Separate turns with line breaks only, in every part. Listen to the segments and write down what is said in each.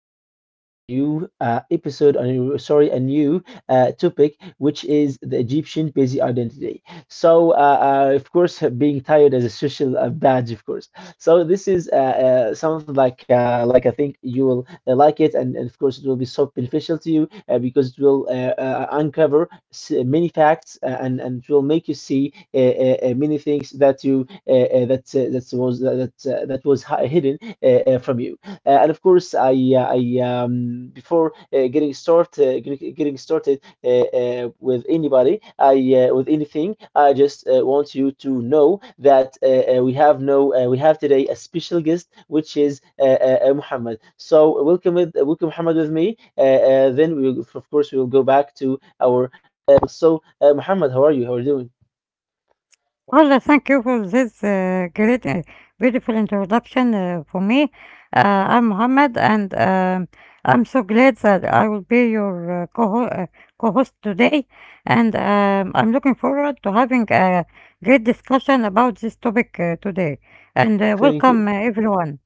going to talk about a new episode, a new, sorry, a new topic, which is the Egyptian busy identity. So, of course, being tired as a social badge, of course. So this is something like I think you will like it, and of course it will be so beneficial to you because it will uncover many facts and it will make you see many things that you that that was that that was hidden from you. And of course, I before getting started with anybody, I with anything, I just want you to know that we have no we have today a special guest, which is Muhammad. So welcome Muhammad with me. Then we will go back to our. Muhammad, how are you? How are you doing?
Thank you for this great, beautiful introduction for me. I'm Mohammed, and I'm so glad that I will be your co co-host today. And I'm looking forward to having a great discussion about this topic today. And
Thank
Welcome,
you.
everyone.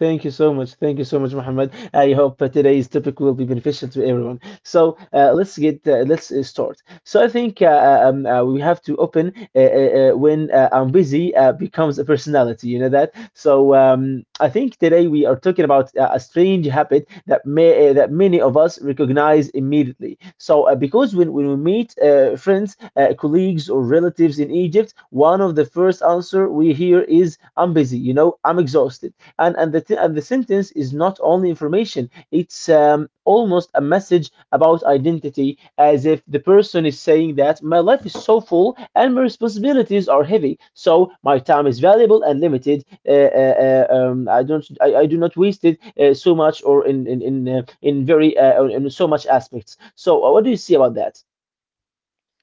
Thank you so much. Thank you so much, Muhammad. I hope that today's topic will be beneficial to everyone. So let's start. So I think we have to open when I'm busy becomes a personality. You know that. So I think today we are talking about a strange habit that many of us recognize immediately. So because when we meet friends, colleagues, or relatives in Egypt, one of the first answer we hear is "I'm busy." You know, I'm exhausted, and the sentence is not only information, it's almost a message about identity, as if the person is saying that my life is so full and my responsibilities are heavy, so my time is valuable and limited. I do not waste it so much or in so much aspects. So what do you see about that?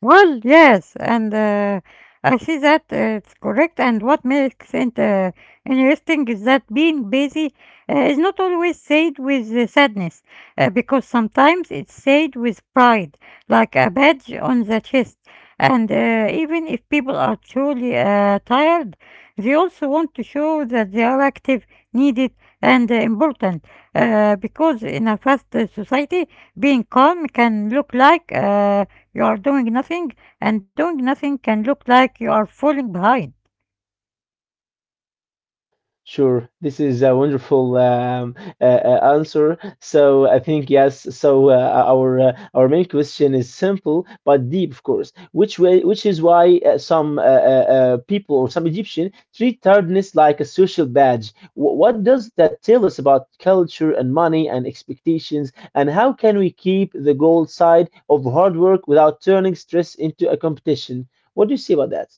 Well, yes, and I see that it's correct. And what makes it interesting is that being busy is not always said with sadness, because sometimes it's said with pride, like a badge on the chest. And Even if people are truly tired, they also want to show that they are active, needed, and important. Because in a fast society, being calm can look like you are doing nothing, and doing nothing can look like you are falling behind.
Sure, this is a wonderful answer. So I think yes. So our main question is simple but deep, of course. Which is why some people or some Egyptian treat tiredness like a social badge. What does that tell us about culture and money and expectations, and how can we keep the gold side of hard work without turning stress into a competition? What do you see about that?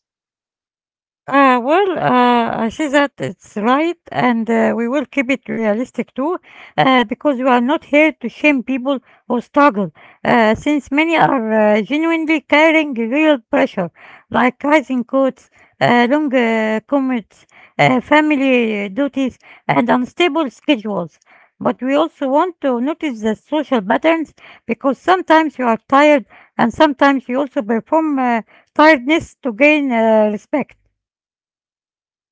I see that it's right, and we will keep it realistic too, because we are not here to shame people who struggle, since many are genuinely carrying real pressure, like rising costs, long commutes, family duties, and unstable schedules. But we also want to notice the social patterns because sometimes you are tired, and sometimes you also perform tiredness to gain respect.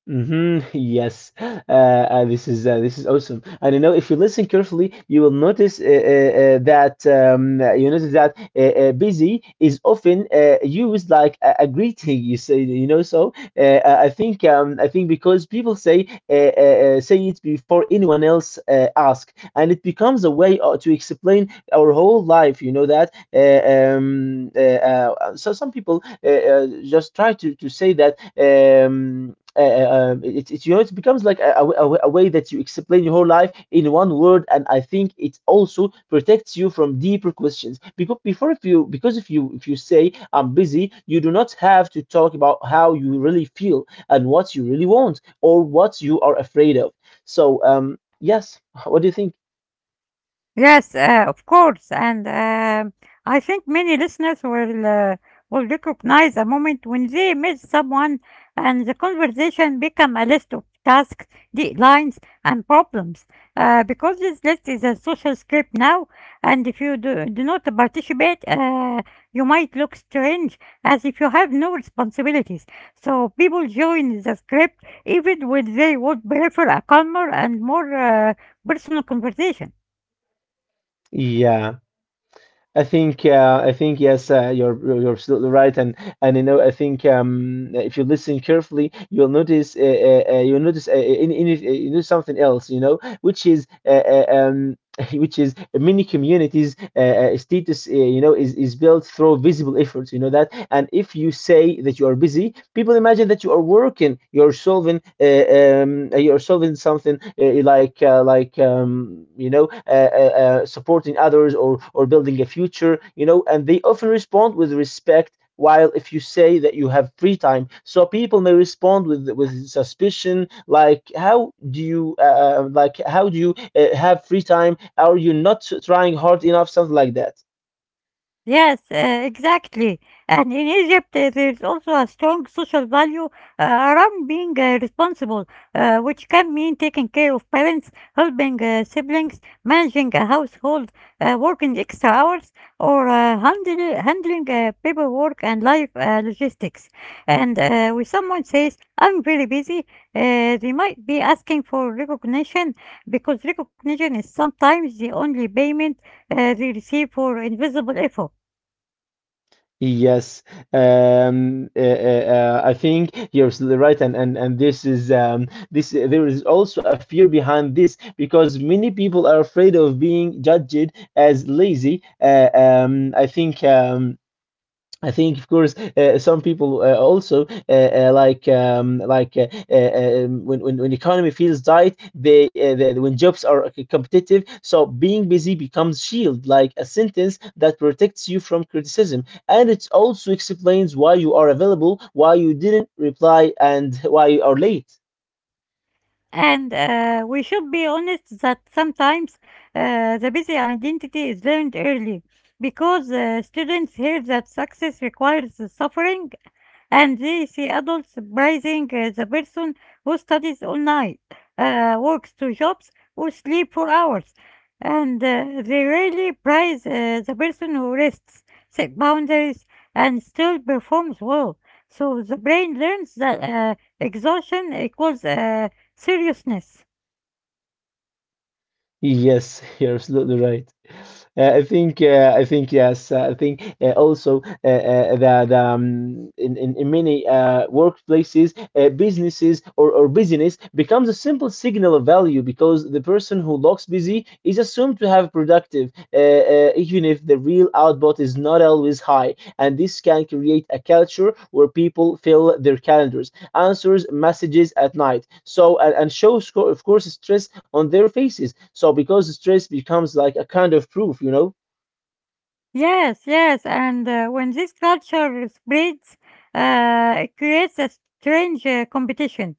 Yes, this is awesome. And you know, if you listen carefully, you will notice that you notice that busy is often used like a greeting. You say, you know, so I think because people say say it before anyone else ask, and it becomes a way to explain our whole life. You know that. Some people just try to say that. You know, it becomes like a way that you explain your whole life in one word, and I think it also protects you from deeper questions. If you if you say I'm busy, you do not have to talk about how you really feel and what you really want or what you are afraid of. So, yes, what do you think?
Yes, of course, and I think many listeners will recognize a moment when they meet someone and the conversation become a list of tasks, deadlines, and problems. Because this list is a social script now, and if you do not participate, you might look strange as if you have no responsibilities. So people join the script even when they would prefer a calmer and more personal conversation.
Yeah. I think yes, you're absolutely right. And you know, I think if you listen carefully, you'll notice you know, something else, you know, which is uh, um, which is many communities' status, you know, is built through visible efforts. You know that. And if you say that you are busy, people imagine that you are working, you're solving something, like you know, supporting others or building a future, you know, and they often respond with respect. While if you say that you have free time, so people may respond with suspicion, like, how do you like, how do you have free time? Are you not trying hard enough? Something like that.
Yes, exactly. And in Egypt, there's also a strong social value around being responsible, which can mean taking care of parents, helping siblings, managing a household, working extra hours, or handling paperwork and life logistics. And When someone says, I'm very busy, they might be asking for recognition because recognition is sometimes the only payment they receive for invisible effort.
Yes. um uh, I think you're right, and this is this, there is also a fear behind this because many people are afraid of being judged as lazy. I think, of course, some people also like when economy feels tight, they when jobs are competitive, so being busy becomes shield, like a sentence that protects you from criticism, and it also explains why you are available, why you didn't reply, and why you are late.
And We should be honest that sometimes the busy identity is learned early because students hear that success requires suffering and they see adults praising the person who studies all night, works two jobs, or sleep for hours. And They rarely praise the person who rests, set boundaries, and still performs well. So the brain learns that exhaustion equals seriousness.
Yes, you're absolutely right. I think, yes, I think also that in many workplaces, or business becomes a simple signal of value because the person who looks busy is assumed to have productive, even if the real output is not always high. And this can create a culture where people fill their calendars, answers messages at night. And shows, of course, stress on their faces. Because stress becomes like a kind of proof, you know.
Yes, yes, and when this culture spreads, it creates a strange competition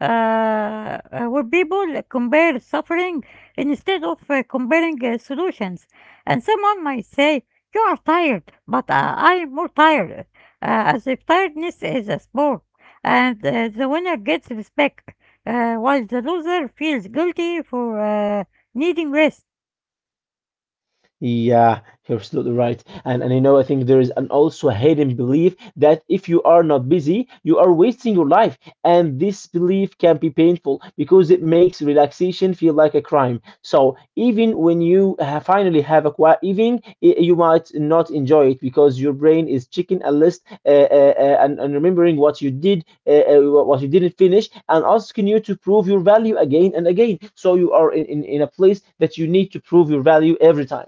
uh, uh, where people compare suffering instead of comparing solutions. And someone might say, you are tired, but I am more tired, as if tiredness is a sport. And The winner gets respect, while the loser feels guilty for needing rest.
Yeah, you're absolutely right. And you know, I think there is an also a hidden belief that if you are not busy, you are wasting your life. And this belief can be painful because it makes relaxation feel like a crime. So even when you ha finally have a quiet evening, you might not enjoy it because your brain is checking a list and remembering what you did, what you didn't finish, and asking you to prove your value again and again. So you are in a place that you need to prove your value every time.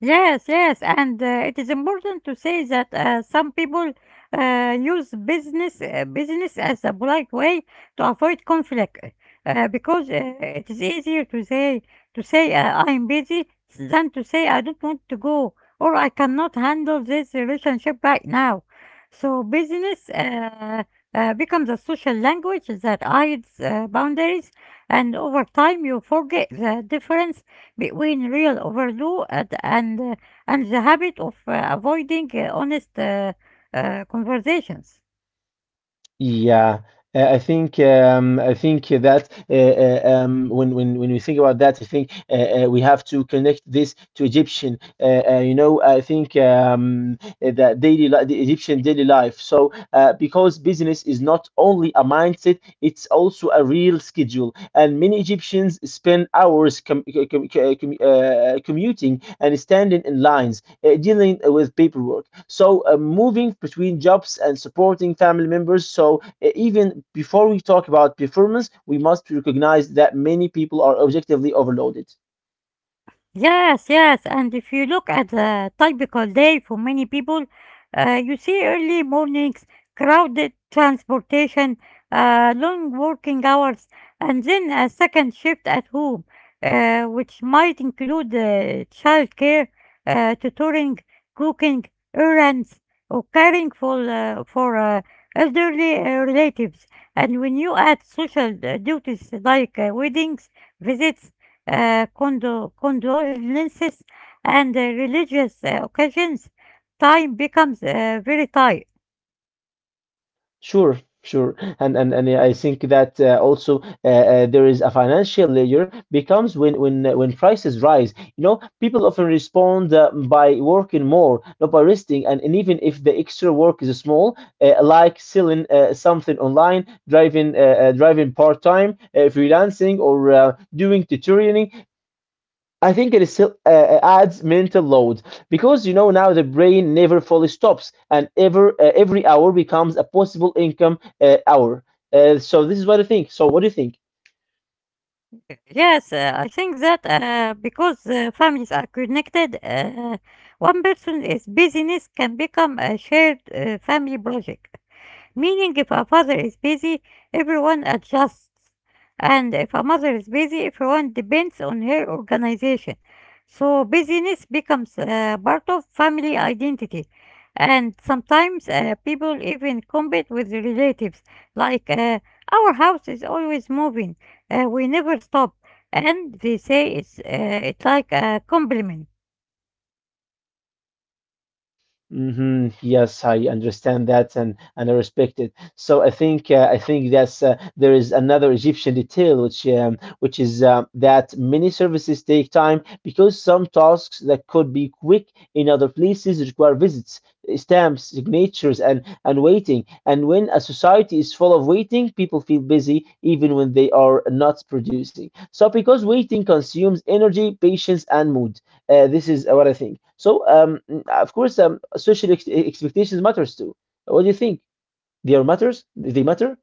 Yes, yes, and it is important to say that some people use business as a polite way to avoid conflict because it is easier to say I'm busy than to say I don't want to go or I cannot handle this relationship right now. So business becomes a social language that hides boundaries, and over time you forget the difference between real overdue and the habit of avoiding honest conversations.
Yeah, I think that when we think about that, I think we have to connect this to Egyptian. You know, I think the Egyptian daily life. So because business is not only a mindset, it's also a real schedule. And many Egyptians spend hours commuting and standing in lines, dealing with paperwork. So moving between jobs and supporting family members. So even before we talk about performance, we must recognize that many people are objectively overloaded.
Yes, yes, and if you look at a typical day for many people, you see early mornings, crowded transportation, long working hours, and then a second shift at home, which might include childcare, tutoring, cooking, errands, or caring for elderly relatives. And when you add social duties like weddings, visits, condolences and religious occasions, time becomes very tight.
Sure, sure, and yeah, I think that also there is a financial layer becomes when prices rise. You know, people often respond by working more, not by resting, and even if the extra work is small, like selling something online, driving driving part time, freelancing, or doing tutoring, I think it is still adds mental load because you know now the brain never fully stops, and every hour becomes a possible income hour. So this is what I think. So what do you think?
Yes, I think that because families are connected, one person is busyness can become a shared family project. Meaning if a father is busy, everyone adjusts. And if a mother is busy, everyone depends on her organization. So busyness becomes part of family identity. And sometimes people even compete with the relatives, like, our house is always moving, we never stop. And they say it's like a compliment.
Yes, I understand that, and I respect it. So I think that's there is another Egyptian detail, which is that many services take time because some tasks that could be quick in other places require visits, stamps, signatures, and waiting. And when a society is full of waiting, people feel busy even when they are not producing. Because waiting consumes energy, patience, and mood. This is what I think. So, of course, social ex expectations matters too. What do you think? They are matters? They matter?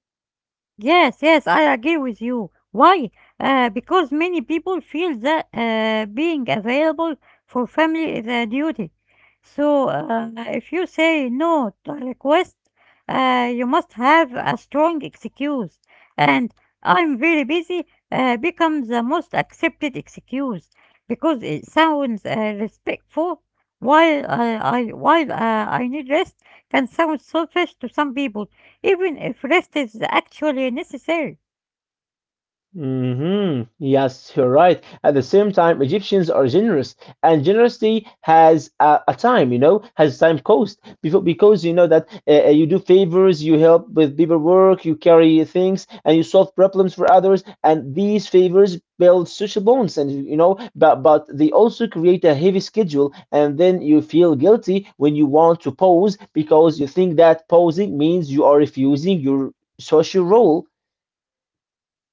Yes, yes, I agree with you. Why? Because many people feel that being available for family is a duty. So, if you say no to a request, you must have a strong excuse. And I'm very busy becomes the most accepted excuse because it sounds respectful, while, I need rest can sound selfish to some people even if rest is actually necessary.
Yes, you're right. At the same time, Egyptians are generous, and generosity has a time, you know, has time cost. Before, because you know that you do favors, you help with people work, you carry things, and you solve problems for others, and these favors build social bonds, and you know, but they also create a heavy schedule, and then you feel guilty when you want to pause because you think that pausing means you are refusing your social role.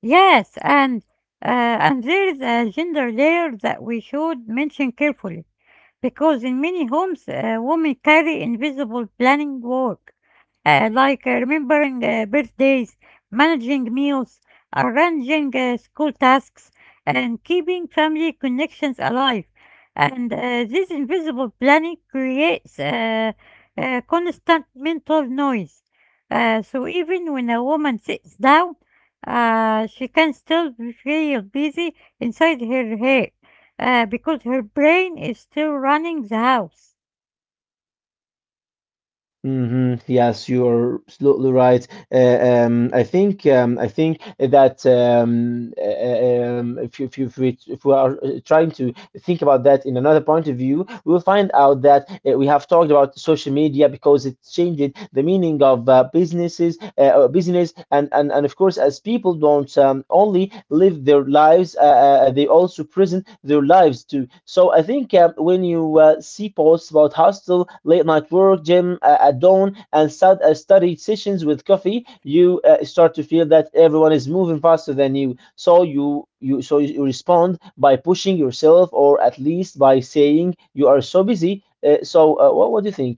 Yes, and there is a gender layer that we should mention carefully because in many homes, women carry invisible planning work. Like remembering birthdays, managing meals, arranging school tasks, and keeping family connections alive. And This invisible planning creates constant mental noise. So even when a woman sits down, she can still feel busy inside her head because her brain is still running the house.
Yes, you're absolutely right. I think that if we are trying to think about that in another point of view, we will find out that we have talked about social media because it changed the meaning of business, and of course, as people don't only live their lives, they also present their lives too. So I think when you see posts about hostel, late night work, gym at dawn, and study sessions with coffee, you start to feel that everyone is moving faster than you. So you respond by pushing yourself, or at least by saying you are so busy. So what do you think?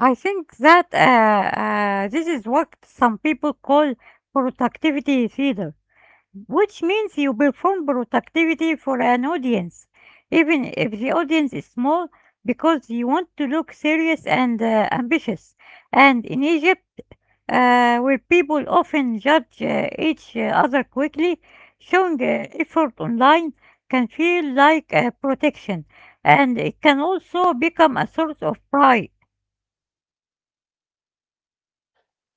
I think that this is what some people call productivity theater, which means you perform productivity for an audience, even if the audience is small, because you want to look serious and ambitious. And in Egypt, where people often judge each other quickly, showing effort online can feel like protection, and it can also become a source of pride.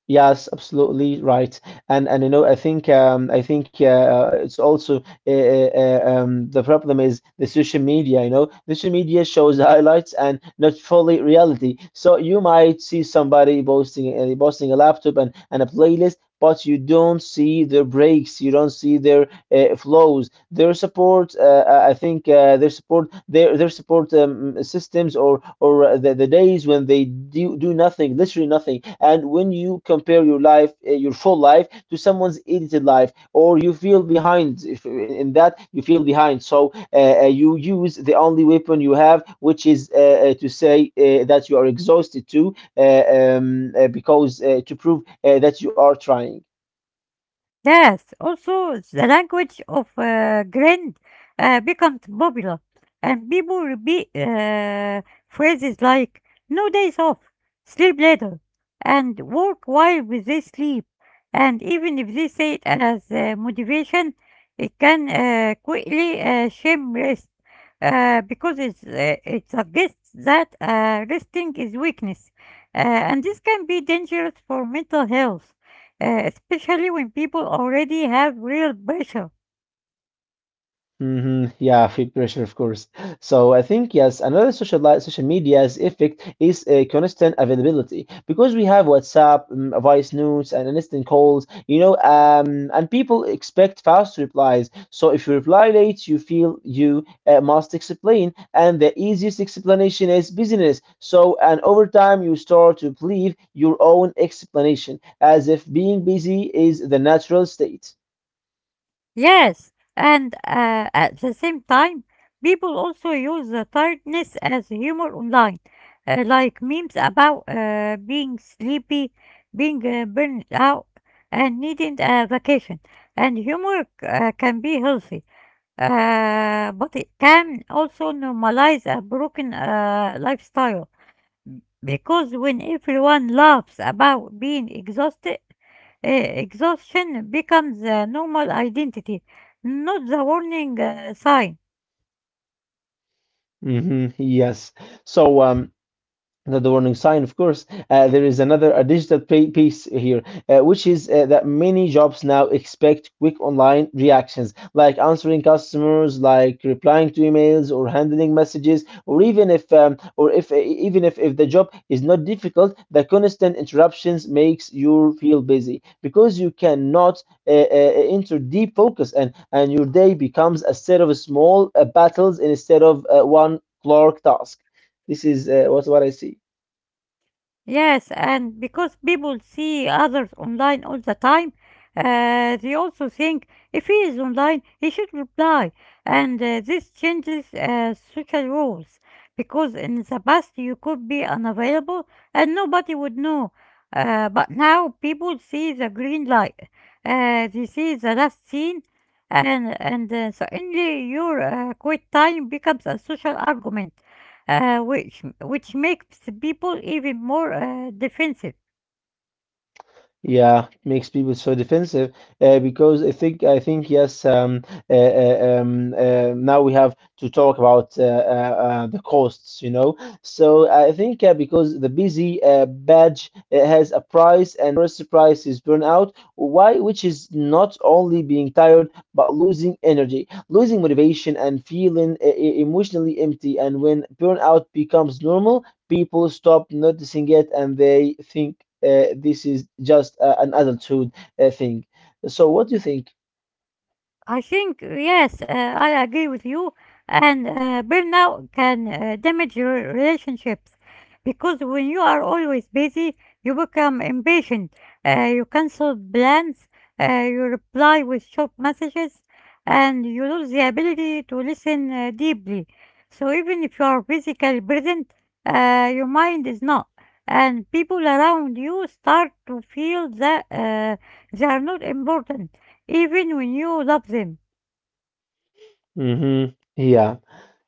Yes, absolutely right. And you know, I think I think it's also the problem is the social media. You know, the social media shows the highlights and not fully reality. So you might see somebody posting a laptop and, a playlist, but you don't see their breaks. You don't see their flows, their support, their support systems, or the days when they do nothing, literally nothing. And when you compare your full life to someone's edited life, or you feel behind, if in that you feel behind, so you use the only weapon you have, which is to say that you are exhausted too, because to prove that you are trying.
Yes, also the language of grind becomes popular, and people repeat phrases like "no days off," "sleep later," and "work while they sleep." And even if they say it as motivation, it can quickly shame rest because it suggests that resting is weakness, uh, and this can be dangerous for mental health especially when people already have real pressure.
Hmm. Yeah, peer pressure, of course. So I think, yes, another social media's effect is a constant availability, because we have WhatsApp, voice notes, and instant calls. You know, and people expect fast replies. So if you reply late, you feel you must explain, and the easiest explanation is business. So, and over time, you start to believe your own explanation, as if being busy is the natural state.
Yes, and at the same time, people also use the tiredness as humor online, like memes about being sleepy, being burned out, and needing a vacation. And humor can be healthy, but it can also normalize a broken lifestyle. Because when everyone laughs about being exhausted, exhaustion becomes a normal identity, not the warning sign.
Hmm. Yes. So um. Not the warning sign, of course. There is another a digital pay piece here, which is that many jobs now expect quick online reactions, like answering customers, like replying to emails, or handling messages, or even if, or if even if the job is not difficult, the constant interruptions makes you feel busy because you cannot uh, uh, enter deep focus, and your day becomes a set of small battles instead of one clerk task. This is what I see.
Yes, and because people see others online all the time, they also think if he is online, he should reply. And This changes social rules because in the past you could be unavailable and nobody would know. But now people see the green light, they see the last scene, and suddenly your quit time becomes a social argument which makes people even more defensive.
Yeah, makes people so defensive, because I think, yes. Now we have to talk about the costs, you know. So I think because the busy badge has a price, and first price is burnout. Why, which is not only being tired but losing energy, losing motivation, and feeling emotionally empty. And when burnout becomes normal, people stop noticing it and they think this is just an adulthood thing. So, what do you think?
I think yes, I agree with you. And Burnout can damage your relationships because when you are always busy, you become impatient. You cancel plans, you reply with short messages, and you lose the ability to listen deeply. So even if you are physically present, your mind is not. And people around you start to feel that they are not important even when you love them.
Hmm. Yeah,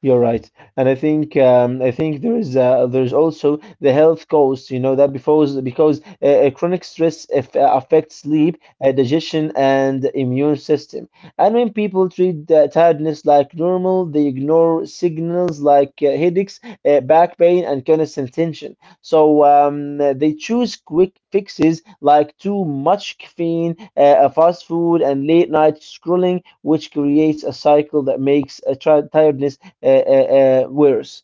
you're right, and I think I think there's also the health cost. You know that because chronic stress affects sleep, digestion, and immune system. And when people treat tiredness like normal, they ignore signals like headaches, back pain, and constant tension. So, they choose quick fixes like too much caffeine, fast food, and late night scrolling, which creates a cycle that makes tiredness worse.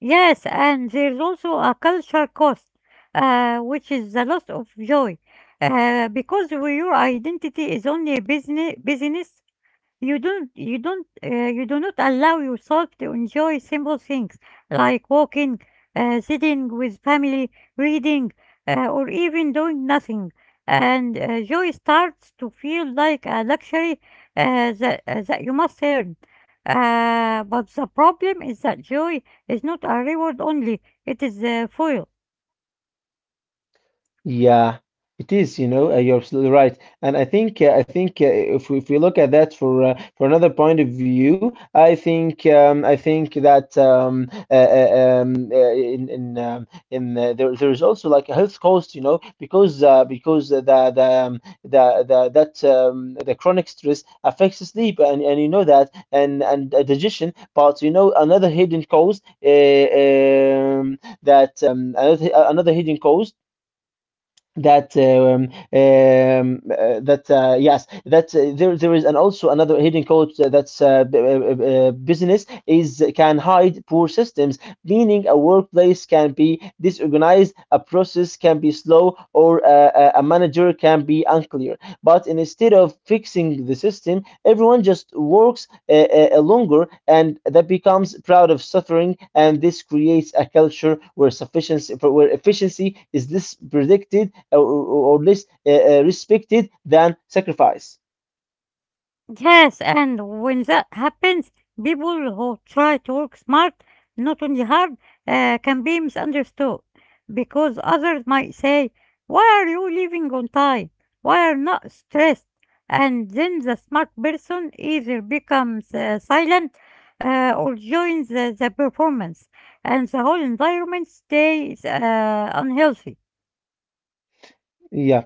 Yes, and there's also a cultural cost, which is the loss of joy, because your identity is only a business. You do not allow yourself to enjoy simple things like walking, sitting with family, reading, or even doing nothing. And Joy starts to feel like a luxury that you must earn. But the problem is that joy is not a reward only, it is a foil.
Yeah, it is. You know, you're absolutely right. And I think I think if we look at that for another point of view, I think that in there is also like a health cost. You know, because the chronic stress affects sleep, and you know that, and digestion. But you know another hidden cause. Another hidden cause, that that yes, that there is and also another hidden code, that's, business is can hide poor systems, meaning a workplace can be disorganized, a process can be slow, or a manager can be unclear, but instead of fixing the system everyone just works longer, and that becomes proud of suffering, and this creates a culture where sufficiency, where efficiency is less predicted, or less respected than sacrifice.
Yes, and when that happens, people who try to work smart, not only hard, can be misunderstood because others might say, why are you leaving on time? Why are not stressed? And then the smart person either becomes silent or joins the performance, and the whole environment stays unhealthy.
Yeah,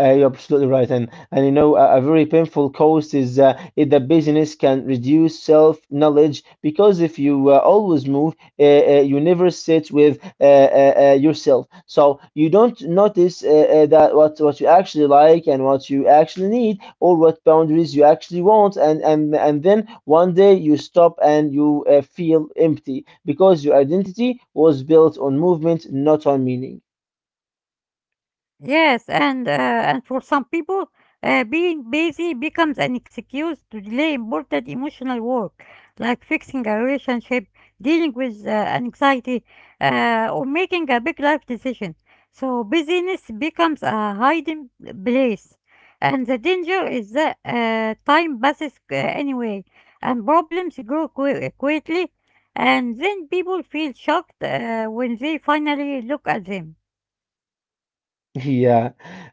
you're absolutely right, and you know, a very painful cost is, the business can reduce self-knowledge, because if you always move, you never sit with yourself, so you don't notice that what you actually like and what you actually need or what boundaries you actually want, and then one day you stop and you feel empty because your identity was built on movement, not on meaning.
Yes, and for some people, being busy becomes an excuse to delay important emotional work, like fixing a relationship, dealing with anxiety, or making a big life decision. So busyness becomes a hiding place, and the danger is that time passes anyway, and problems grow quickly, and then people feel shocked when they finally look at them.
Yeah,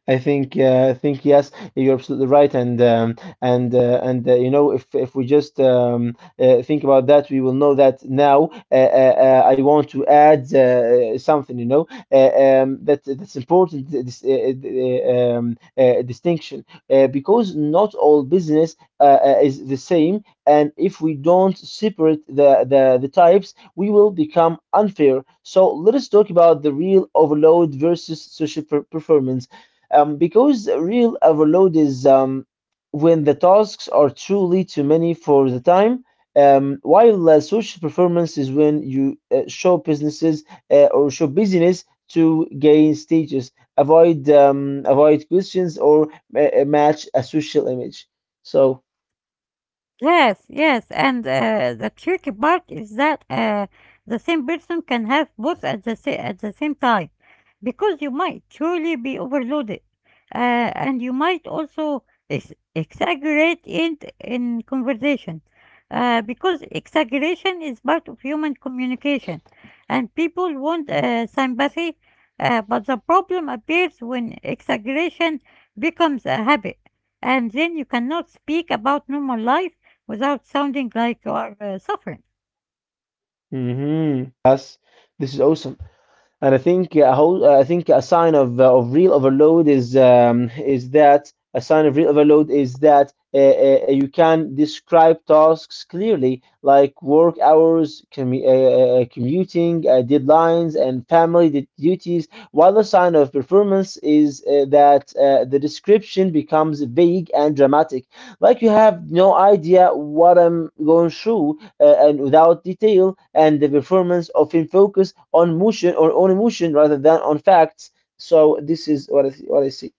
I think, yes, you're absolutely right, and you know, if we just think about that, we will know that now. I want to add something, you know, that's important. This distinction, because not all business is the same, and if we don't separate the types, we will become unfair. So let us talk about the real overload versus social performance. Because real overload is, when the tasks are truly too many for the time, while social performance is when you show businesses, or show business to gain stages, avoid questions, or match a social image. So,
Yes, yes, and the tricky part is that the same person can have both at the same time, because you might truly be overloaded, and you might also exaggerate in conversation, because exaggeration is part of human communication, and people want sympathy, but the problem appears when exaggeration becomes a habit, and then you cannot speak about normal life without sounding like you are suffering.
mhm, yes, this is awesome. And I think a sign of real overload is, is that a sign of real overload is that you can describe tasks clearly, like work hours, commuting, deadlines, and family duties. While a sign of performance is that the description becomes vague and dramatic, like, "You have no idea what I'm going through," and without detail, and the performance often focus on motion or on emotion rather than on facts. So this is what I see.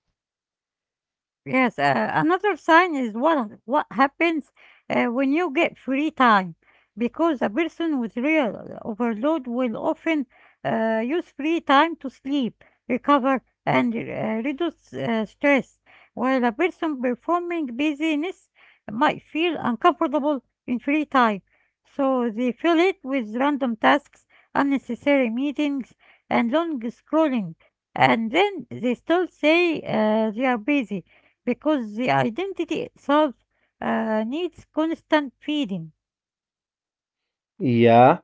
Yes, another sign is what happens when you get free time, because a person with real overload will often use free time to sleep, recover, and reduce stress, while a person performing busyness might feel uncomfortable in free time, so they fill it with random tasks, unnecessary meetings, and long scrolling, and then they still say they are busy because the identity itself needs constant feeding.
Yeah.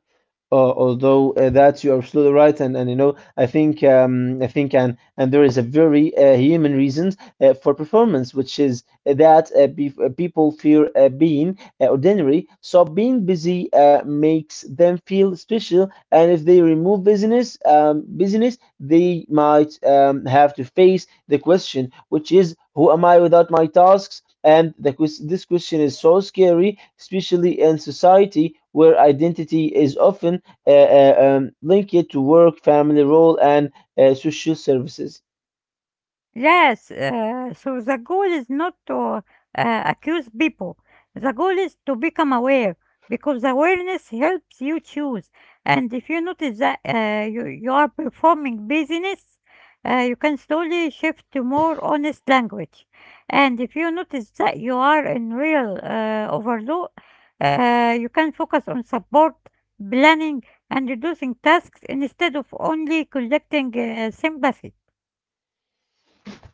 Although that you're absolutely right, and you know, I think and there is a very human reason for performance, which is that people fear being ordinary, so being busy makes them feel special, and if they remove business, they might have to face the question, which is, "Who am I without my tasks?" And this question is so scary, especially in society where identity is often link it to work, family role, and social services.
Yes, so the goal is not to accuse people. The goal is to become aware because awareness helps you choose. And if you notice that you are performing busyness, you can slowly shift to more honest language. And if you notice that you are in real overload, you can focus on support, planning, and reducing tasks instead of only collecting sympathy.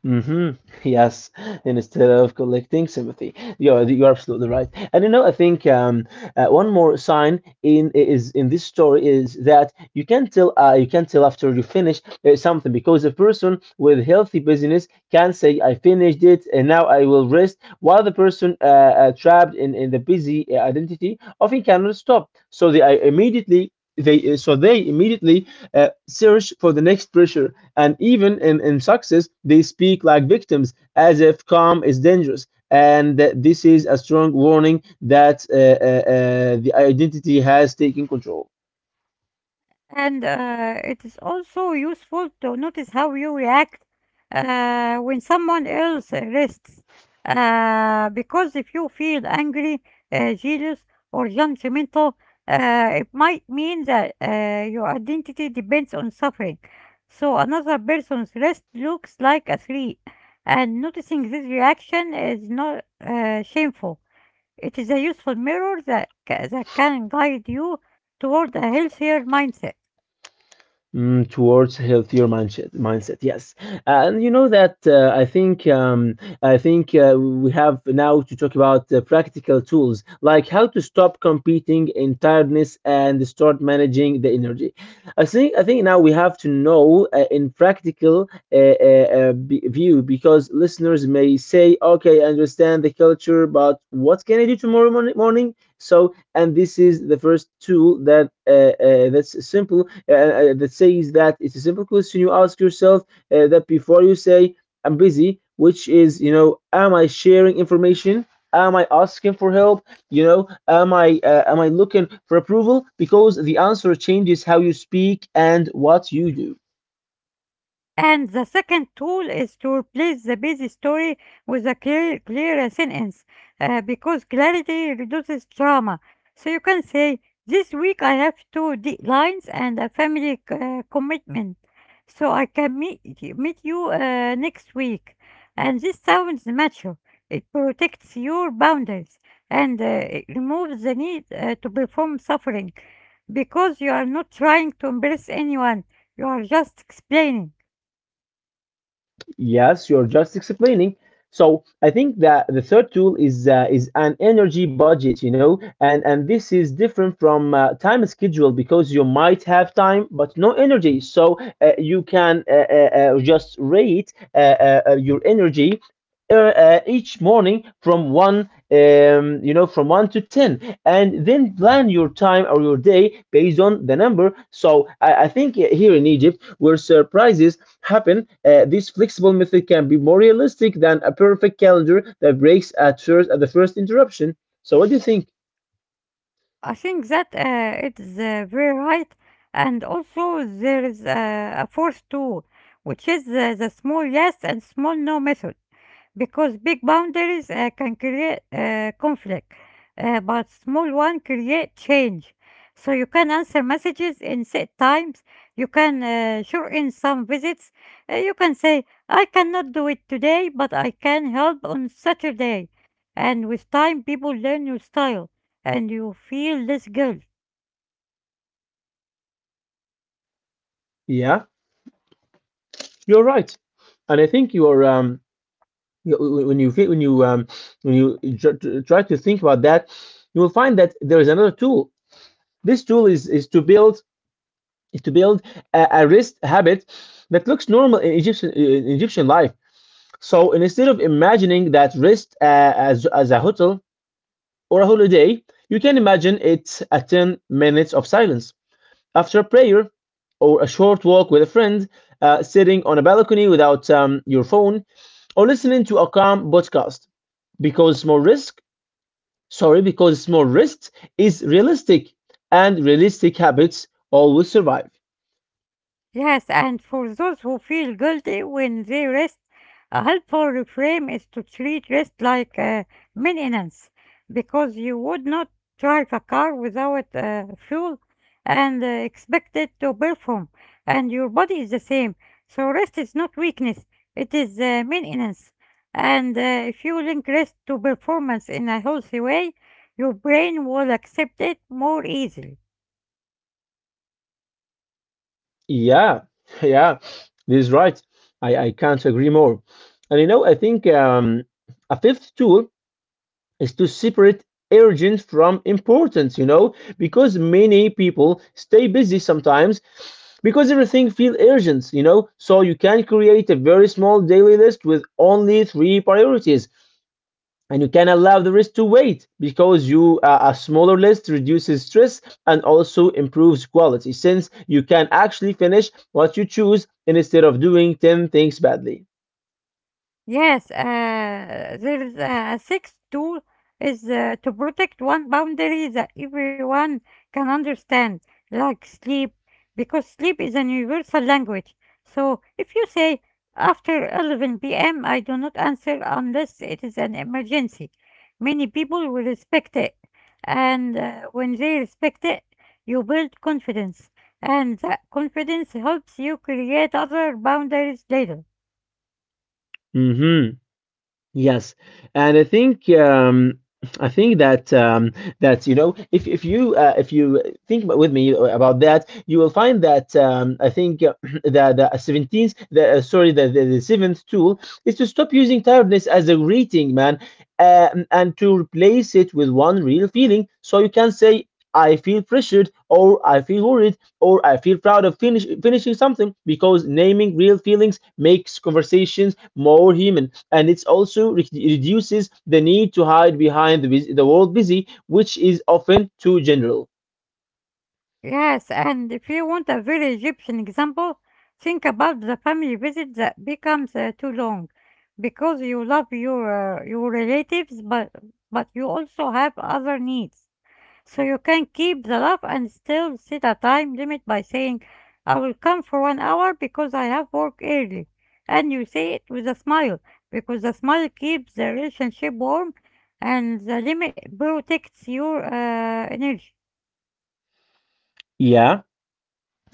Hmm. Yes, and instead of collecting sympathy, you're absolutely right. And you know, I think one more sign in this story is that you can tell after you finish something, because a person with healthy business can say, "I finished it, and now I will rest," while the person trapped in the busy identity often cannot stop. So they immediately search for the next pressure, and even in success, they speak like victims, as if calm is dangerous. And this is a strong warning that the identity has taken control.
And it is also useful to notice how you react when someone else rests. Because if you feel angry, jealous, or judgmental, it might mean that your identity depends on suffering. So another person's rest looks like a threat. And noticing this reaction is not shameful. It is a useful mirror that can guide you toward a healthier mindset.
Mm, towards healthier mindset, yes. And you know that, I think we have now to talk about practical tools, like how to stop competing in tiredness and start managing the energy. I think now we have to know, in practical view, because listeners may say, "Okay, I understand the culture, but what can I do tomorrow morning?" So, and this is the first tool, that it's a simple question you ask yourself, that before you say "I'm busy," which is, you know, am I sharing information? Am I asking for help? You know, am I looking for approval? Because the answer changes how you speak and what you do.
And the second tool is to replace the busy story with a clear sentence because clarity reduces drama. So you can say, "This week I have two deadlines and a family commitment, so I can meet you next week." And this sounds mature. It protects your boundaries and it removes the need to perform suffering because you are not trying to embarrass anyone, you are just explaining.
Yes, you're just explaining. So I think that the third tool is an energy budget, you know, and this is different from time schedule because you might have time but no energy, so you can just rate your energy each morning from one you know from 1 to 10, and then plan your time or your day based on the number. So I think here in Egypt, where surprises happen, this flexible method can be more realistic than a perfect calendar that breaks at the first interruption. So what do you think?
I think that it is very right, and also there is a fourth tool, which is the small yes and small no method, because big boundaries can create conflict, but small one create change. So you can answer messages in set times. You can sure in some visits. You can say, "I cannot do it today, but I can help on Saturday." And with time, people learn your style and you feel this guilt.
Yeah, you're right, and I think you're you- when try to think about that, you will find that there is another tool. This tool is to build is to build a wrist habit that looks normal in Egyptian life. So instead of imagining that wrist as a hotel or a holiday, you can imagine it a 10 minutes of silence after prayer or a short walk with a friend, sitting on a balcony without your phone, or listening to a calm podcast. Because small risk, sorry, because small risk is realistic, and realistic habits always survive.
Yes, and for those who feel guilty when they rest, a helpful reframe is to treat rest like maintenance because you would not drive a car without fuel and expect it to perform, and your body is the same. So, rest is not weakness, it is maintenance. And if you link rest to performance in a healthy way, your brain will accept it more easily.
Yeah, yeah, this is right. I can't agree more. And you know, I think a fifth tool is to separate urgent from importance, because many people stay busy sometimes because everything feels urgent. So you can create a very small daily list with only three priorities and you can allow the rest to wait because you a smaller list reduces stress and also improves quality since you can actually finish what you choose instead of doing 10 things badly.
Yes, there is a sixth tool is to protect one boundary that everyone can understand, like sleep, because sleep is an universal language. So if you say after 11 p.m., I do not answer unless it is an emergency, many people will respect it. And when they respect it, you build confidence, and that confidence helps you create other boundaries later.
Mhm. Yes, and I think that if you think about- with me about that, you will find that I think that the 17th, the sorry, the seventh tool is to stop using tiredness as a greeting, man, and to replace it with one real feeling. So you can say, I feel pressured, or I feel worried, or I feel proud of finishing something because naming real feelings makes conversations more human, and it's also reduces the need to hide behind the world busy, which is often too general.
Yes, and if you want a very Egyptian example, think about the family visit that becomes too long because you love your relatives but you also have other needs. So you can keep the love and still set a time limit by saying, "I will come for 1 hour because I have work early." And you say it with a smile because the smile keeps the relationship warm and the limit protects your energy.
Yeah.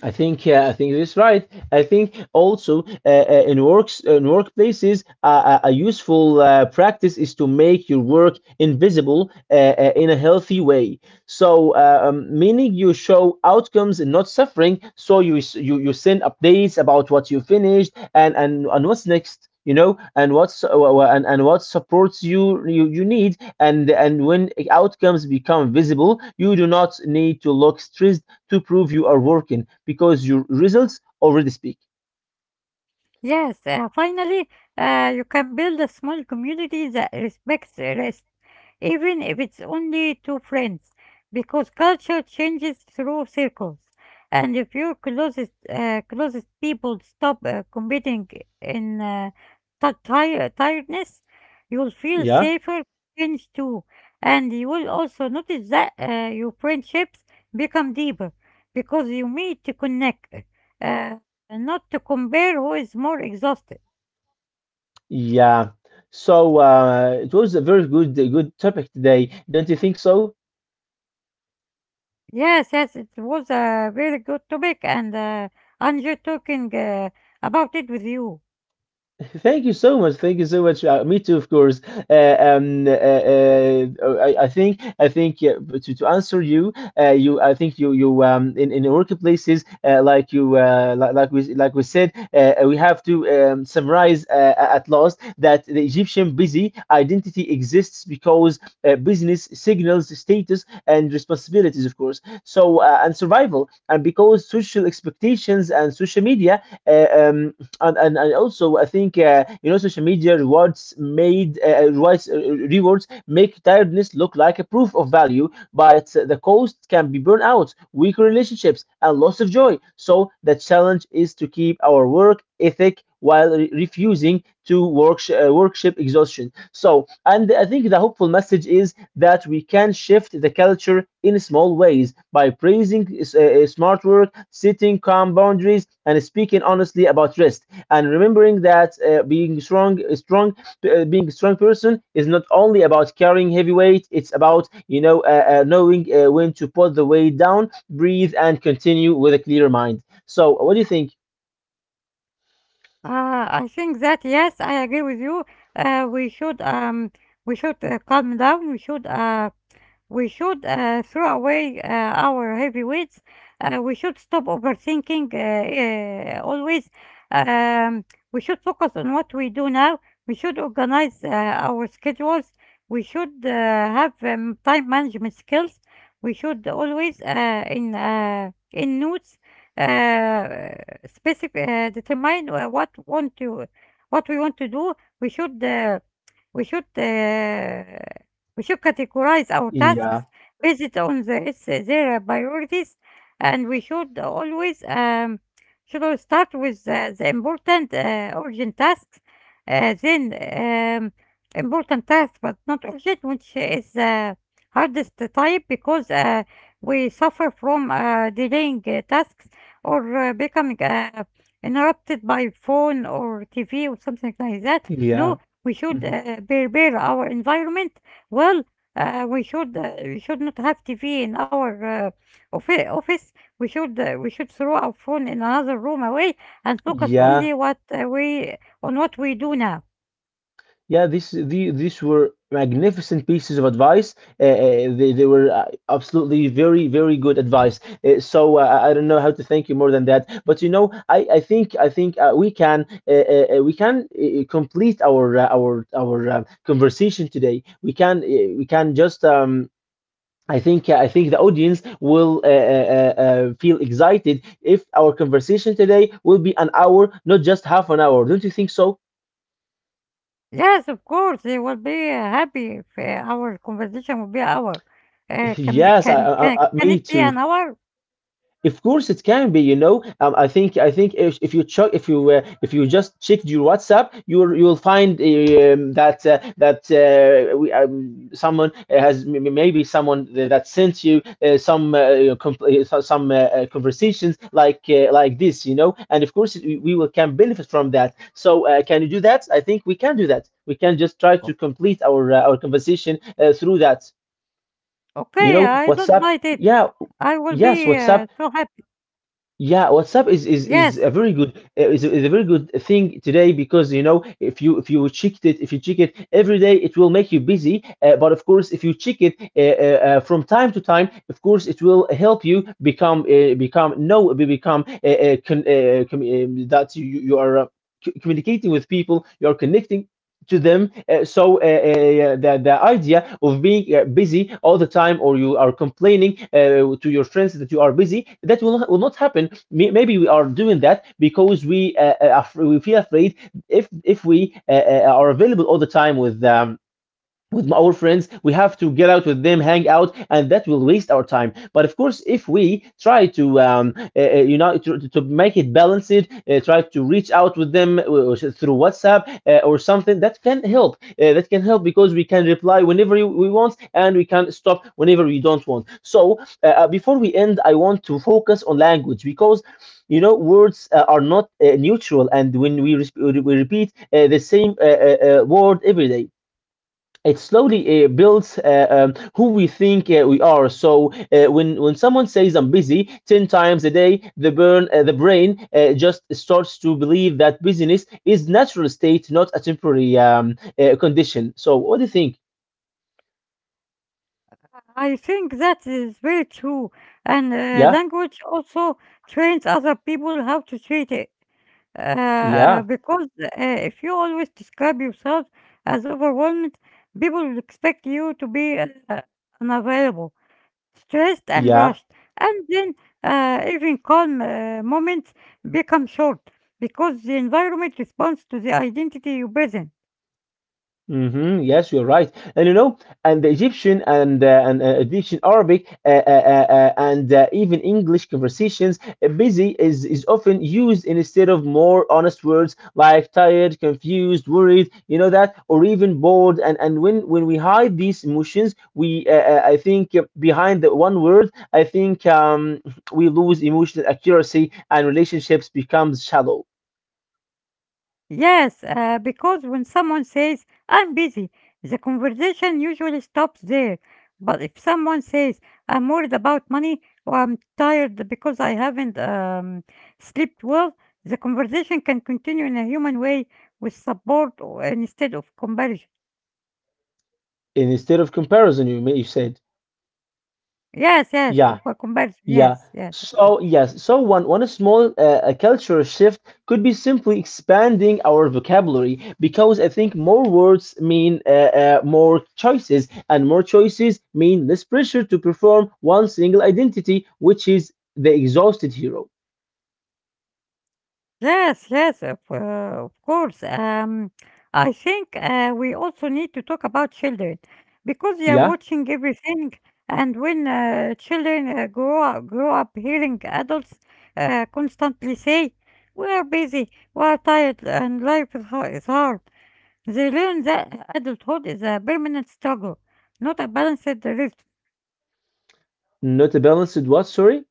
I think yeah, I think that's right. I think also in workplaces, a useful practice is to make your work invisible in a healthy way. So, meaning you show outcomes and not suffering. So you send updates about what you finished and what's next. You know, and what supports you, you need, and when outcomes become visible, you do not need to look stressed to prove you are working because your results already speak.
Yes, finally, you can build a small community that respects rest, even if it's only two friends, because culture changes through circles. And if your closest people stop competing in tiredness, you'll feel
Yeah,
safer, friends too, and you will also notice that your friendships become deeper because you meet to connect. Uh, and not to compare who is more exhausted.
yeah. So it was a good topic today, don't you think so?
Yes, yes, it was a very good topic, and enjoyed talking about it with you.
Thank you so much. Thank you so much. Me too, of course. Uh, um, uh, uh, I think but to answer you, you I think you you in workplaces like you like we said we have to summarize at last that the Egyptian busy identity exists because business signals status and responsibilities, of course. So and survival, and because social expectations and social media and also I think social media rewards made rewards rewards make tiredness look like a proof of value, but the cost can be burnout, weaker relationships, and loss of joy. So the challenge is to keep our work ethic while refusing to work worship exhaustion. So and I think the hopeful message is that we can shift the culture in small ways by praising smart work, setting calm boundaries, and speaking honestly about rest, and remembering that being a strong person is not only about carrying heavy weight. It's about knowing when to put the weight down, breathe, and continue with a clear mind. So what do you think?
I think that yes, I agree with you. Uh, we should um, we should calm down. We should throw away our heavy weights. We should stop overthinking always. Um, we should focus on what we do now. We should organize our schedules. We should have time management skills. We should always in notes uh, specific determine what we want to do. We should we should we should categorize our
Yeah,
tasks based on their priorities, and we should always start with the important urgent tasks, then important tasks but not urgent, which is the hardest type because we suffer from delaying tasks or becoming interrupted by phone or TV or something like that.
yeah.
No, we should
Mhm.
prepare our environment well. We should not have TV in our office. We should throw our phone in another room away and focus
Yeah.
only what we on what we do now.
Yeah, these were magnificent pieces of advice. They were absolutely very, very good advice. I don't know how to thank you more than that. But you know, I think we can complete our conversation today. We can just. I think the audience will feel excited if our conversation today will be an hour, not just half an hour. Don't you think so?
Yes, of course, they will be happy if our conversation will be an hour. Uh, can be
Yes,
can can can
me
it be
too.
an hour?
Of course, it can be. You know, I think if you check if you just checked your WhatsApp, you will find someone has maybe someone that sent you some conversations like this. You know, and of course we will can benefit from that. So can you do that? I think we can do that. We can just try to
O-
complete our conversation through that. You
Okay,
know,
I don't
WhatsApp.
mind it.
Yeah.
I will
Yes,
be
WhatsApp.
so happy.
Yeah, WhatsApp is
Yes.
a very good is a very good thing today, because you know if you check it if you check it every day it will make you busy but of course if you check it from time to time of course it will help you become that you are communicating with people, you are connecting to them. So, yeah, the idea of being busy all the time, or you are complaining to your friends that you are busy, that will not happen. Maybe we are doing that because we feel afraid if we are available all the time with our friends, we have to get out with them, hang out, and that will waste our time. But of course, if we try to to make it balanced, try to reach out with them through whatsapp or something that can help, because we can reply whenever we want and we can stop whenever we don't want. So before we end I want to focus on language because you know, words are not neutral, and we repeat the same word every day, it slowly builds who we think we are. So when someone says I'm busy 10 times a day, the brain just starts to believe that busyness is natural state, not a temporary condition. So what do you think?
I think that is very true, and
Yeah,
language also trains other people how to treat it. Uh,
yeah,
because uh, if you always describe yourself as overwhelmed, people will expect you to be unavailable, stressed, and rushed.
yeah.
And then even calm moments become short because the environment responds to the identity you present.
Hmm. Yes, you're right, and you know, and the Egyptian and Egyptian Arabic and even English conversations, busy is often used instead of more honest words like tired, confused, worried, you know that, or even bored. And when we hide these emotions, we I think behind the one word, I think we lose emotional accuracy and relationships becomes shallow.
Yes, because when someone says, "I'm busy," the conversation usually stops there. But if someone says, "I'm worried about money, or I'm tired because I haven't slept well," the conversation can continue in a human way with support or, instead of comparison.
And instead of comparison. You said,
Yes, yes,
yeah.
comparison.
Yeah.
Yes, yes, of course.
So yes, so one small a cultural shift could be simply expanding our vocabulary, because I think more words mean more choices, and more choices mean less pressure to perform one single identity, which is the exhausted hero.
Yes, yes, of course. I think we also need to talk about children because they are
Yeah,
watching everything, and when children grow up hearing adults constantly say, "We are busy, we are tired, and life is hard," is hard. They learn that adulthood is a permanent struggle, not a balanced rhythm,
not a balanced what? Sorry.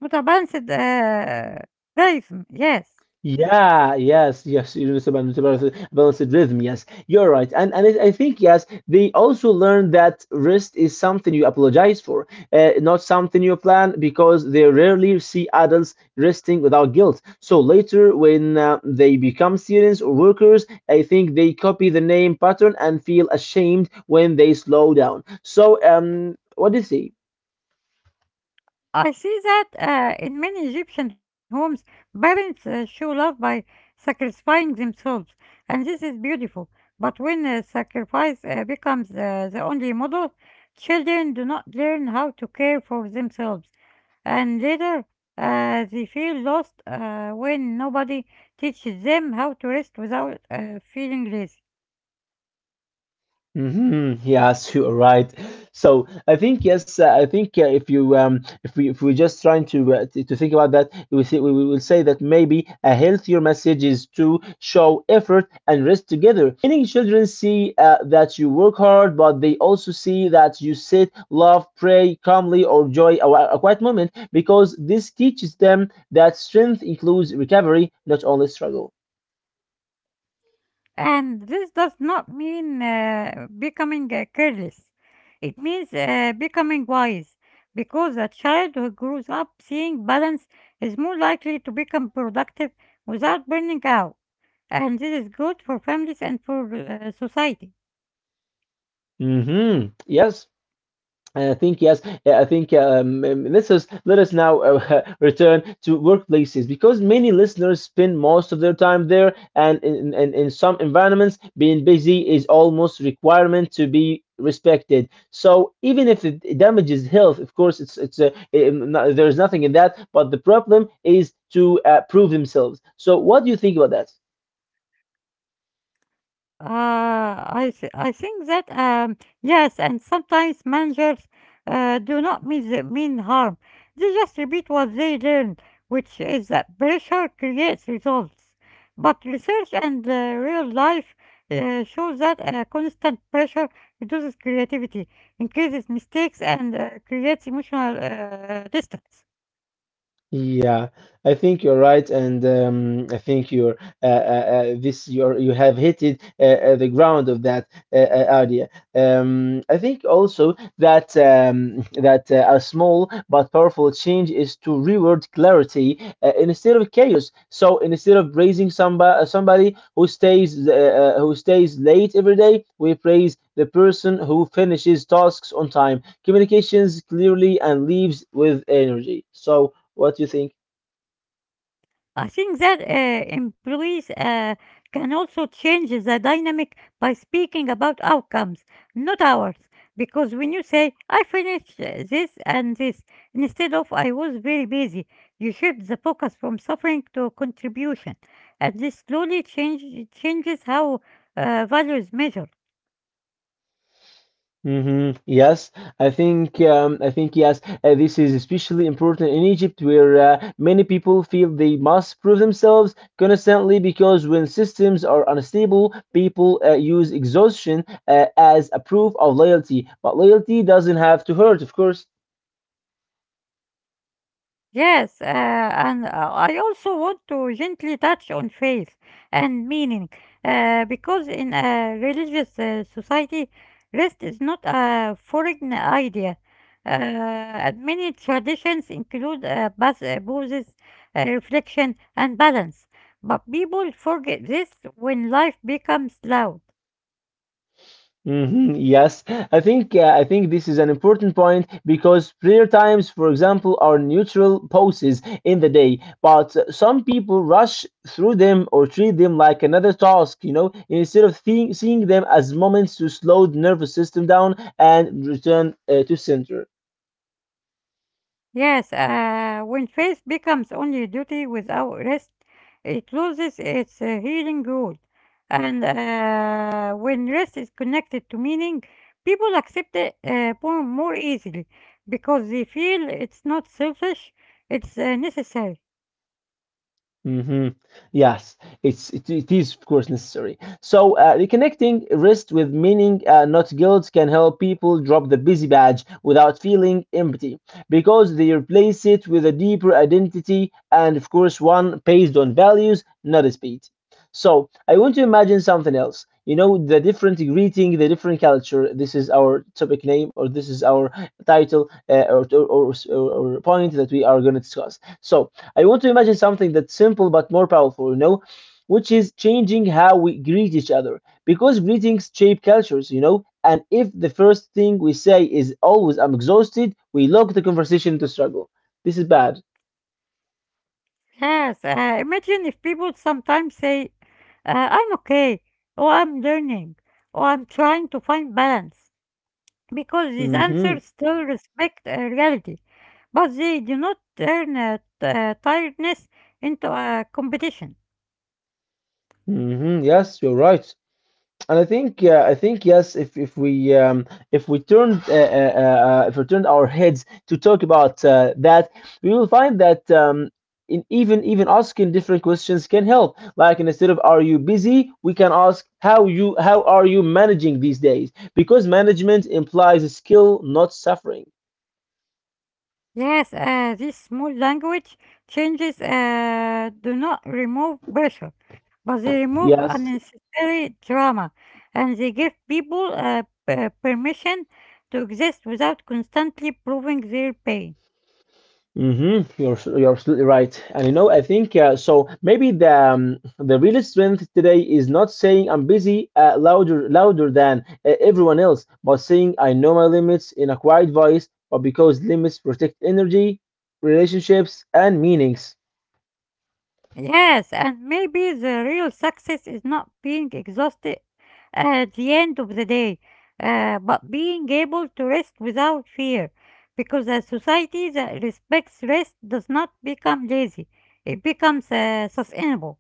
not a balanced rhythm. Yes.
Yeah, yes, yes, you know, it's about a balanced rhythm. Yes, you're right, and I think yes, they also learn that rest is something you apologize for, not something you plan, because they rarely see adults resting without guilt. So later, when they become students or workers, I think they copy the name pattern and feel ashamed when they slow down. So, what do you say?
I see that in many Egyptian homes, parents show love by sacrificing themselves, and this is beautiful. But when sacrifice becomes the only model, children do not learn how to care for themselves, and later they feel lost when nobody teaches them how to rest without feeling lazy.
Hmm. Yes, you're right. So I think yes, I think if you if we're just trying to to think about that, we will say that maybe a healthier message is to show effort and rest together. Meaning, children see that you work hard, but they also see that you sit, love, pray calmly, or joy a quiet moment, because this teaches them that strength includes recovery, not only struggle.
And this does not mean becoming careless. It means becoming wise because a child who grows up seeing balance is more likely to become productive without burning out. And this is good for families and for society.
Hmm Yes. I think yes. I think let us now return to workplaces because many listeners spend most of their time there, and in some environments, being busy is almost requirement to be respected. So even if it damages health, of course, it's no- there's nothing in that. But the problem is to prove themselves. So what do you think about that?
I think that yes, and sometimes managers do not mean mean harm. They just repeat what they learn, which is that pressure creates results. But research and real life shows that constant pressure reduces creativity, increases mistakes, and creates emotional distance.
Yeah, I think you're right, and I think you're you have hit it the ground of that idea. I think also that that a small but powerful change is to reward clarity instead of chaos. So instead of praising somebody who stays late every day, we praise the person who finishes tasks on time, communications clearly, and leaves with energy. So. What do you think?
I think that employees can also change the dynamic by speaking about outcomes, not hours. Because when you say, "I finished this and this," instead of "I was very busy," you shift the focus from suffering to contribution. And this slowly changes how values measure.
Hmm Yes, I think yes. This is especially important in Egypt, where many people feel they must prove themselves constantly because when systems are unstable, people use exhaustion as a proof of loyalty. But loyalty doesn't have to hurt, of course.
Yes, and I also want to gently touch on faith and meaning, because in a religious society, rest is not a foreign idea. And many traditions include pauses, reflection, and balance, but people forget this when life becomes loud.
Mhm, yes, I think this is an important point because prayer times, for example, are neutral pauses in the day, but some people rush through them or treat them like another task, you know, instead of seeing them as moments to slow the nervous system down and return to center.
Yes, when faith becomes only duty without rest, it loses its healing role. And when rest is connected to meaning, people accept it more easily because they feel it's not selfish, it's necessary.
Hmm Yes, it is of course necessary. So reconnecting rest with meaning, not guilt, can help people drop the busy badge without feeling empty because they replace it with a deeper identity and of course one based on values, not speed. So I want to imagine something else. You know, the different greeting, the different culture. This is our topic name, or this is our title, or point that we are going to discuss. So I want to imagine something that's simple but more powerful, you know, which is changing how we greet each other. Because greetings shape cultures, you know, and if the first thing we say is always, I'm exhausted, we lock the conversation into struggle. This is bad.
Yes, imagine if people sometimes say, "I'm okay, or I'm learning, or I'm trying to find balance," because these
Mm hmm.
answers still respect reality, but they do not turn tiredness into a competition.
Mm hmm. Yes, you're right. And I think yes. If we if we turned our heads to talk about that, we will find that in even asking different questions can help. Like instead of "Are you busy?" we can ask "How are you managing these days?" Because management implies a skill, not suffering.
Yes, this small language changes do not remove pressure, but they remove
Yes,
unnecessary drama, and they give people permission to exist without constantly proving their pain.
hmm you're you're absolutely right, and you know I think so. Maybe the real strength today is not saying I'm busy uh, louder than everyone else, but saying I know my limits in a quiet voice. But because limits protect energy, relationships, and meanings.
Yes, and maybe the real success is not being exhausted at the end of the day, but being able to rest without fear. Because a society that respects rest does not become lazy, it becomes sustainable.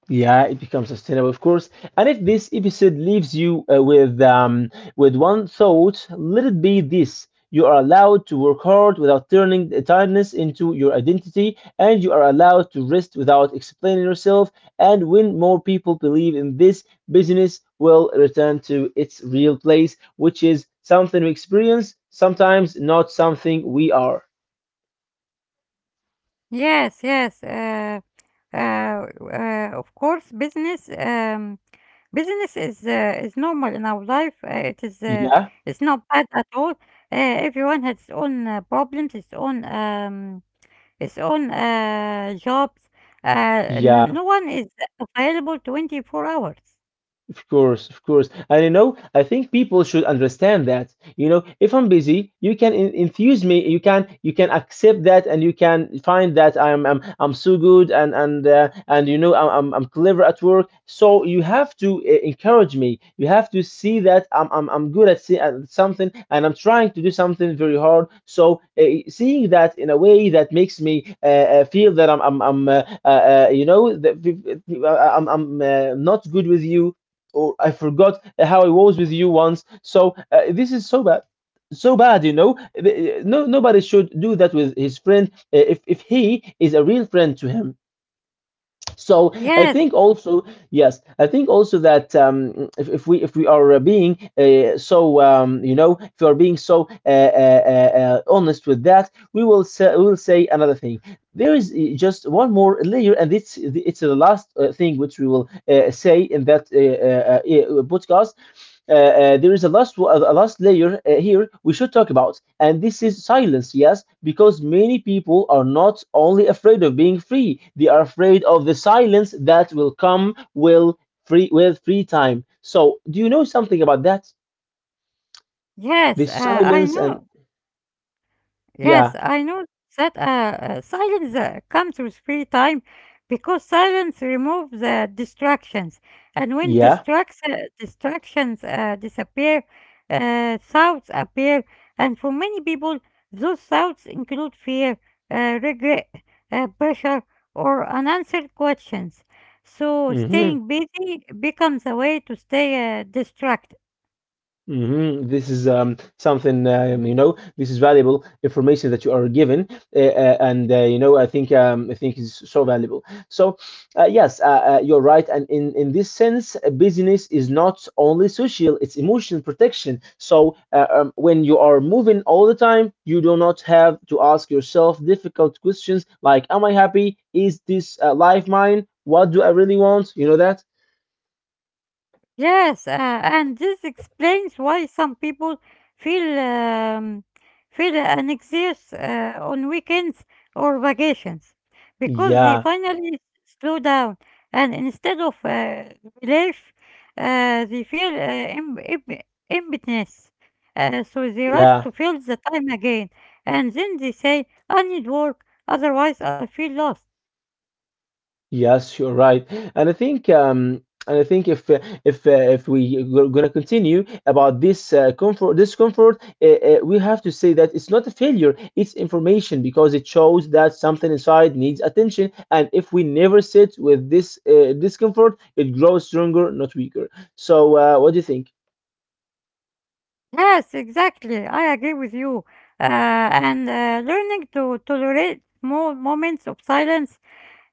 Yeah, it becomes sustainable, of course. And if this episode leaves you with one thought, let it be this: you are allowed to work hard without turning the tiredness into your identity, and you are allowed to rest without explaining yourself. And when more people believe in this, business will return to its real place, which is something we experience, sometimes not something we are.
Yes, yes. Of course, business is normal in our life. Uh, it is uh,
Yeah,
it's not bad at all. Everyone has its own problems, its own jobs. No,
yeah.
no one is available 24 hours.
Of course, of course. And you know, I think people should understand that. You know, if I'm busy, you can in infuse me, you can accept that and you can find that I'm I'm so good and and you know I'm I'm clever at work. So you have to encourage me. You have to see that I'm I'm good at, see, at something and I'm trying to do something very hard. So seeing that in a way that makes me feel that I'm I'm you know that I'm not good with you or I forgot how I was with you once. So this is so bad, so bad. You know, no nobody should do that with his friend if he is a real friend to him. So I
Yes,
think also yes, I think also that if we are being you know if we are being so honest with that, we will say another thing there is just one more layer, and it's the last thing which we will say in that podcast. There is a last layer here we should talk about, and this is silence. Yes, because many people are not only afraid of being free; they are afraid of the silence that will come will free with free time. So, do you know something about that? The
yes. I
silence and
know. Yes,
yeah,
I know that silence comes with free time because silence removes the distractions. And when
yeah.
distractions disappear, thoughts appear. And for many people, those thoughts include fear, regret, pressure, or unanswered questions. So
hmm
staying busy becomes a way to stay distracted.
hmm This is something you know. This is valuable information that you are given, and you know, I think is so valuable. So, uh, yes, uh, you're right. And in this sense, business is not only social; it's emotional protection. So, when you are moving all the time, you do not have to ask yourself difficult questions like, "Am I happy? Is this life mine? What do I really want?" You know that?
Yes, and this explains why some people feel um, feel an excess on weekends or vacations because they
Yeah,
finally slow down and instead of relief, they feel emptiness. So they rush
yeah.
to fill the time again, and then they say, "I need work, otherwise I feel lost."
Yes, you're right, and I think um, and I think if we gonna continue about this comfort discomfort, we have to say that it's not a failure, it's information because it shows that something inside needs attention, and if we never sit with this discomfort, it grows stronger, not weaker. So, what do you think?
Yes, exactly. I agree with you. And learning to tolerate small moments of silence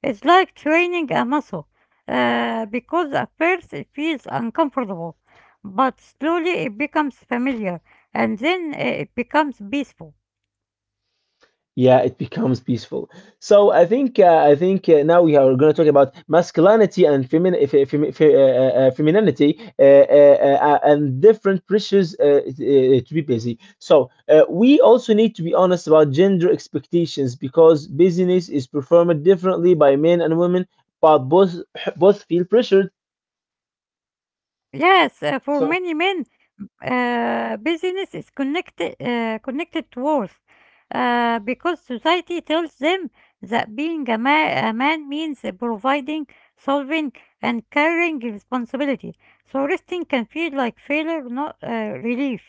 is like training a muscle, because at first it feels uncomfortable, but slowly it becomes familiar, and then it becomes peaceful.
Yeah, it becomes peaceful. So I think I think now we are going to talk about masculinity and femininity and different pressures to be busy. So we also need to be honest about gender expectations because busyness is performed differently by men and women, but both feel pressured.
Yes, for
So
many men, business is connected to worth, because society tells them that being a man means providing, solving, and carrying responsibility. So resting can feel like failure, not relief.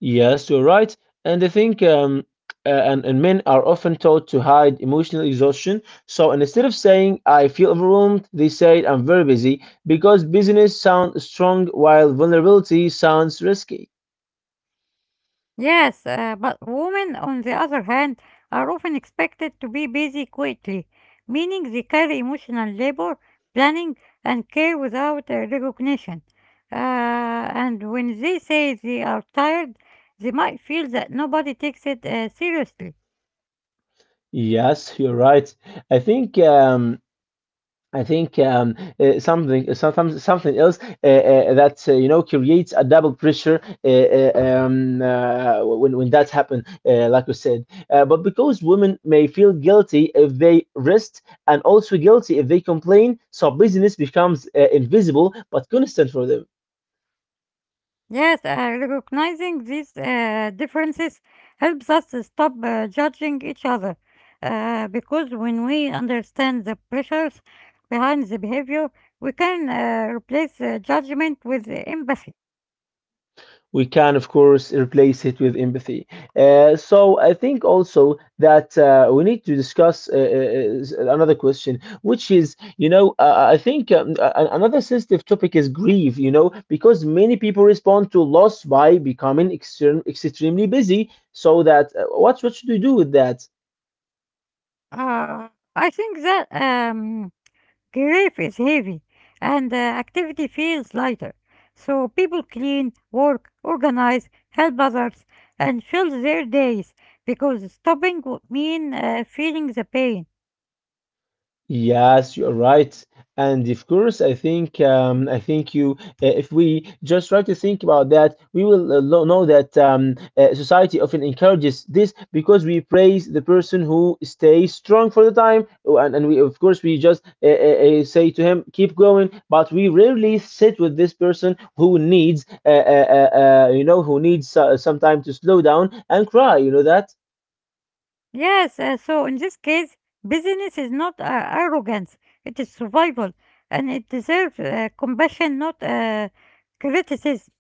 yes, you're right. And I think and men are often taught to hide emotional exhaustion. So instead of saying, I feel overwhelmed, they say, I'm very busy, because busyness sounds strong while vulnerability sounds risky.
Yes, but women, on the other hand, are often expected to be busy quickly, meaning they carry emotional labor, planning, and care without recognition. And when they say they are tired, they might feel that nobody takes it seriously.
Yes, you're right. I think something sometimes something else that you know creates a double pressure when that happens, like you said. But because women may feel guilty if they rest, and also guilty if they complain, so business becomes invisible but constant for them.
Yes, recognizing these differences helps us to stop judging each other. Because when we understand the pressures behind the behavior, we can replace judgment with empathy.
We can of course replace it with empathy. So I think also that we need to discuss another question which is you know I think another sensitive topic is grief, you know, because many people respond to loss by becoming extremely busy. So that what should we do with that?
Uh, I think that grief is heavy and activity feels lighter. So people clean, work, organize, help others, and fill their days because stopping would mean feeling the pain.
Yes, you're right. And of course, I think if we just try to think about that, we will know that society often encourages this because we praise the person who stays strong for the time. Oh, and we of course we just say to him, keep going. But we rarely sit with this person who you know, who needs some time to slow down and cry. You know that.
Yes, so in this case, busyness is not arrogance, it is survival, and it deserves compassion, not criticism.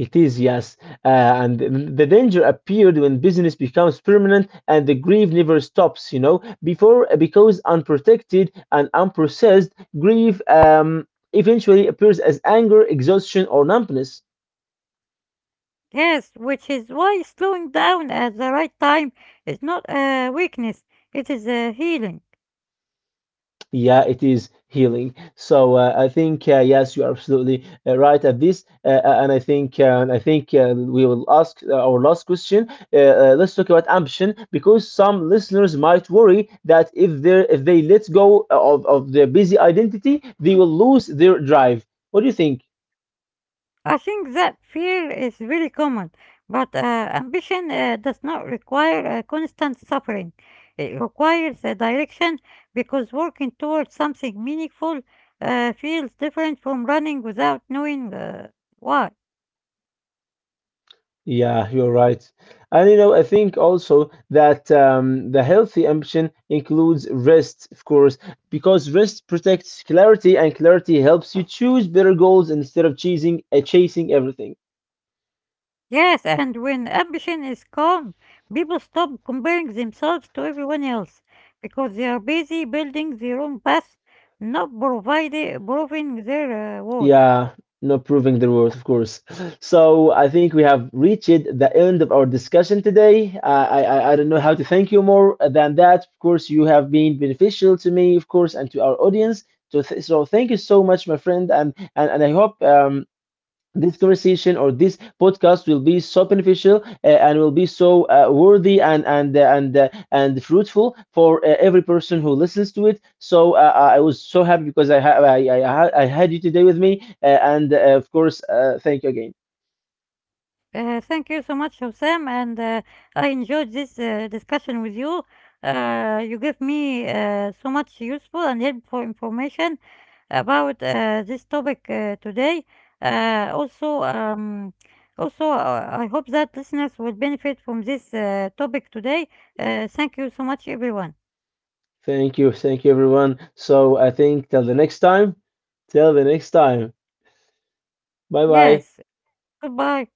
It is, yes. And the danger appeared when business becomes permanent and the grief never stops, you know. Before, because unprotected and unprocessed, grief eventually appears as anger, exhaustion, or numbness.
Yes, which is why slowing down at the right time is not weakness, it is healing.
Yeah, it is healing. So I think yes, you are absolutely right at this, and I think we will ask our last question. Let's talk about ambition because some listeners might worry that if they let go of their busy identity, they will lose their drive. What do you think?
I think that fear is very common, but ambition does not require constant suffering. It requires a direction because working towards something meaningful feels different from running without knowing why.
Yeah, you're right. And you know, I think also that the healthy ambition includes rest, of course, because rest protects clarity and clarity helps you choose better goals instead of chasing everything.
Yes, and when ambition is calm, people stop comparing themselves to everyone else because they are busy building their own path, not proving their worth.
Yeah, not proving the worth, of course. So I think we have reached the end of our discussion today. I don't know how to thank you more than that. Of course, you have been beneficial to me, of course, and to our audience. So, th so thank you so much, my friend, and and I hope this conversation or this podcast will be so beneficial and will be so worthy and and fruitful for every person who listens to it. So I was so happy because I ha- I ha- I had you today with me, and of course, thank you again.
Thank you so much, Hussam, and I enjoyed this discussion with you. You gave me so much useful and helpful information about this topic today. Uh, also, um, also, I hope that listeners will benefit from this topic today. Thank you so much, everyone.
Thank you, everyone. So I think till the next time. Till the next time. Bye bye.
Yes, goodbye.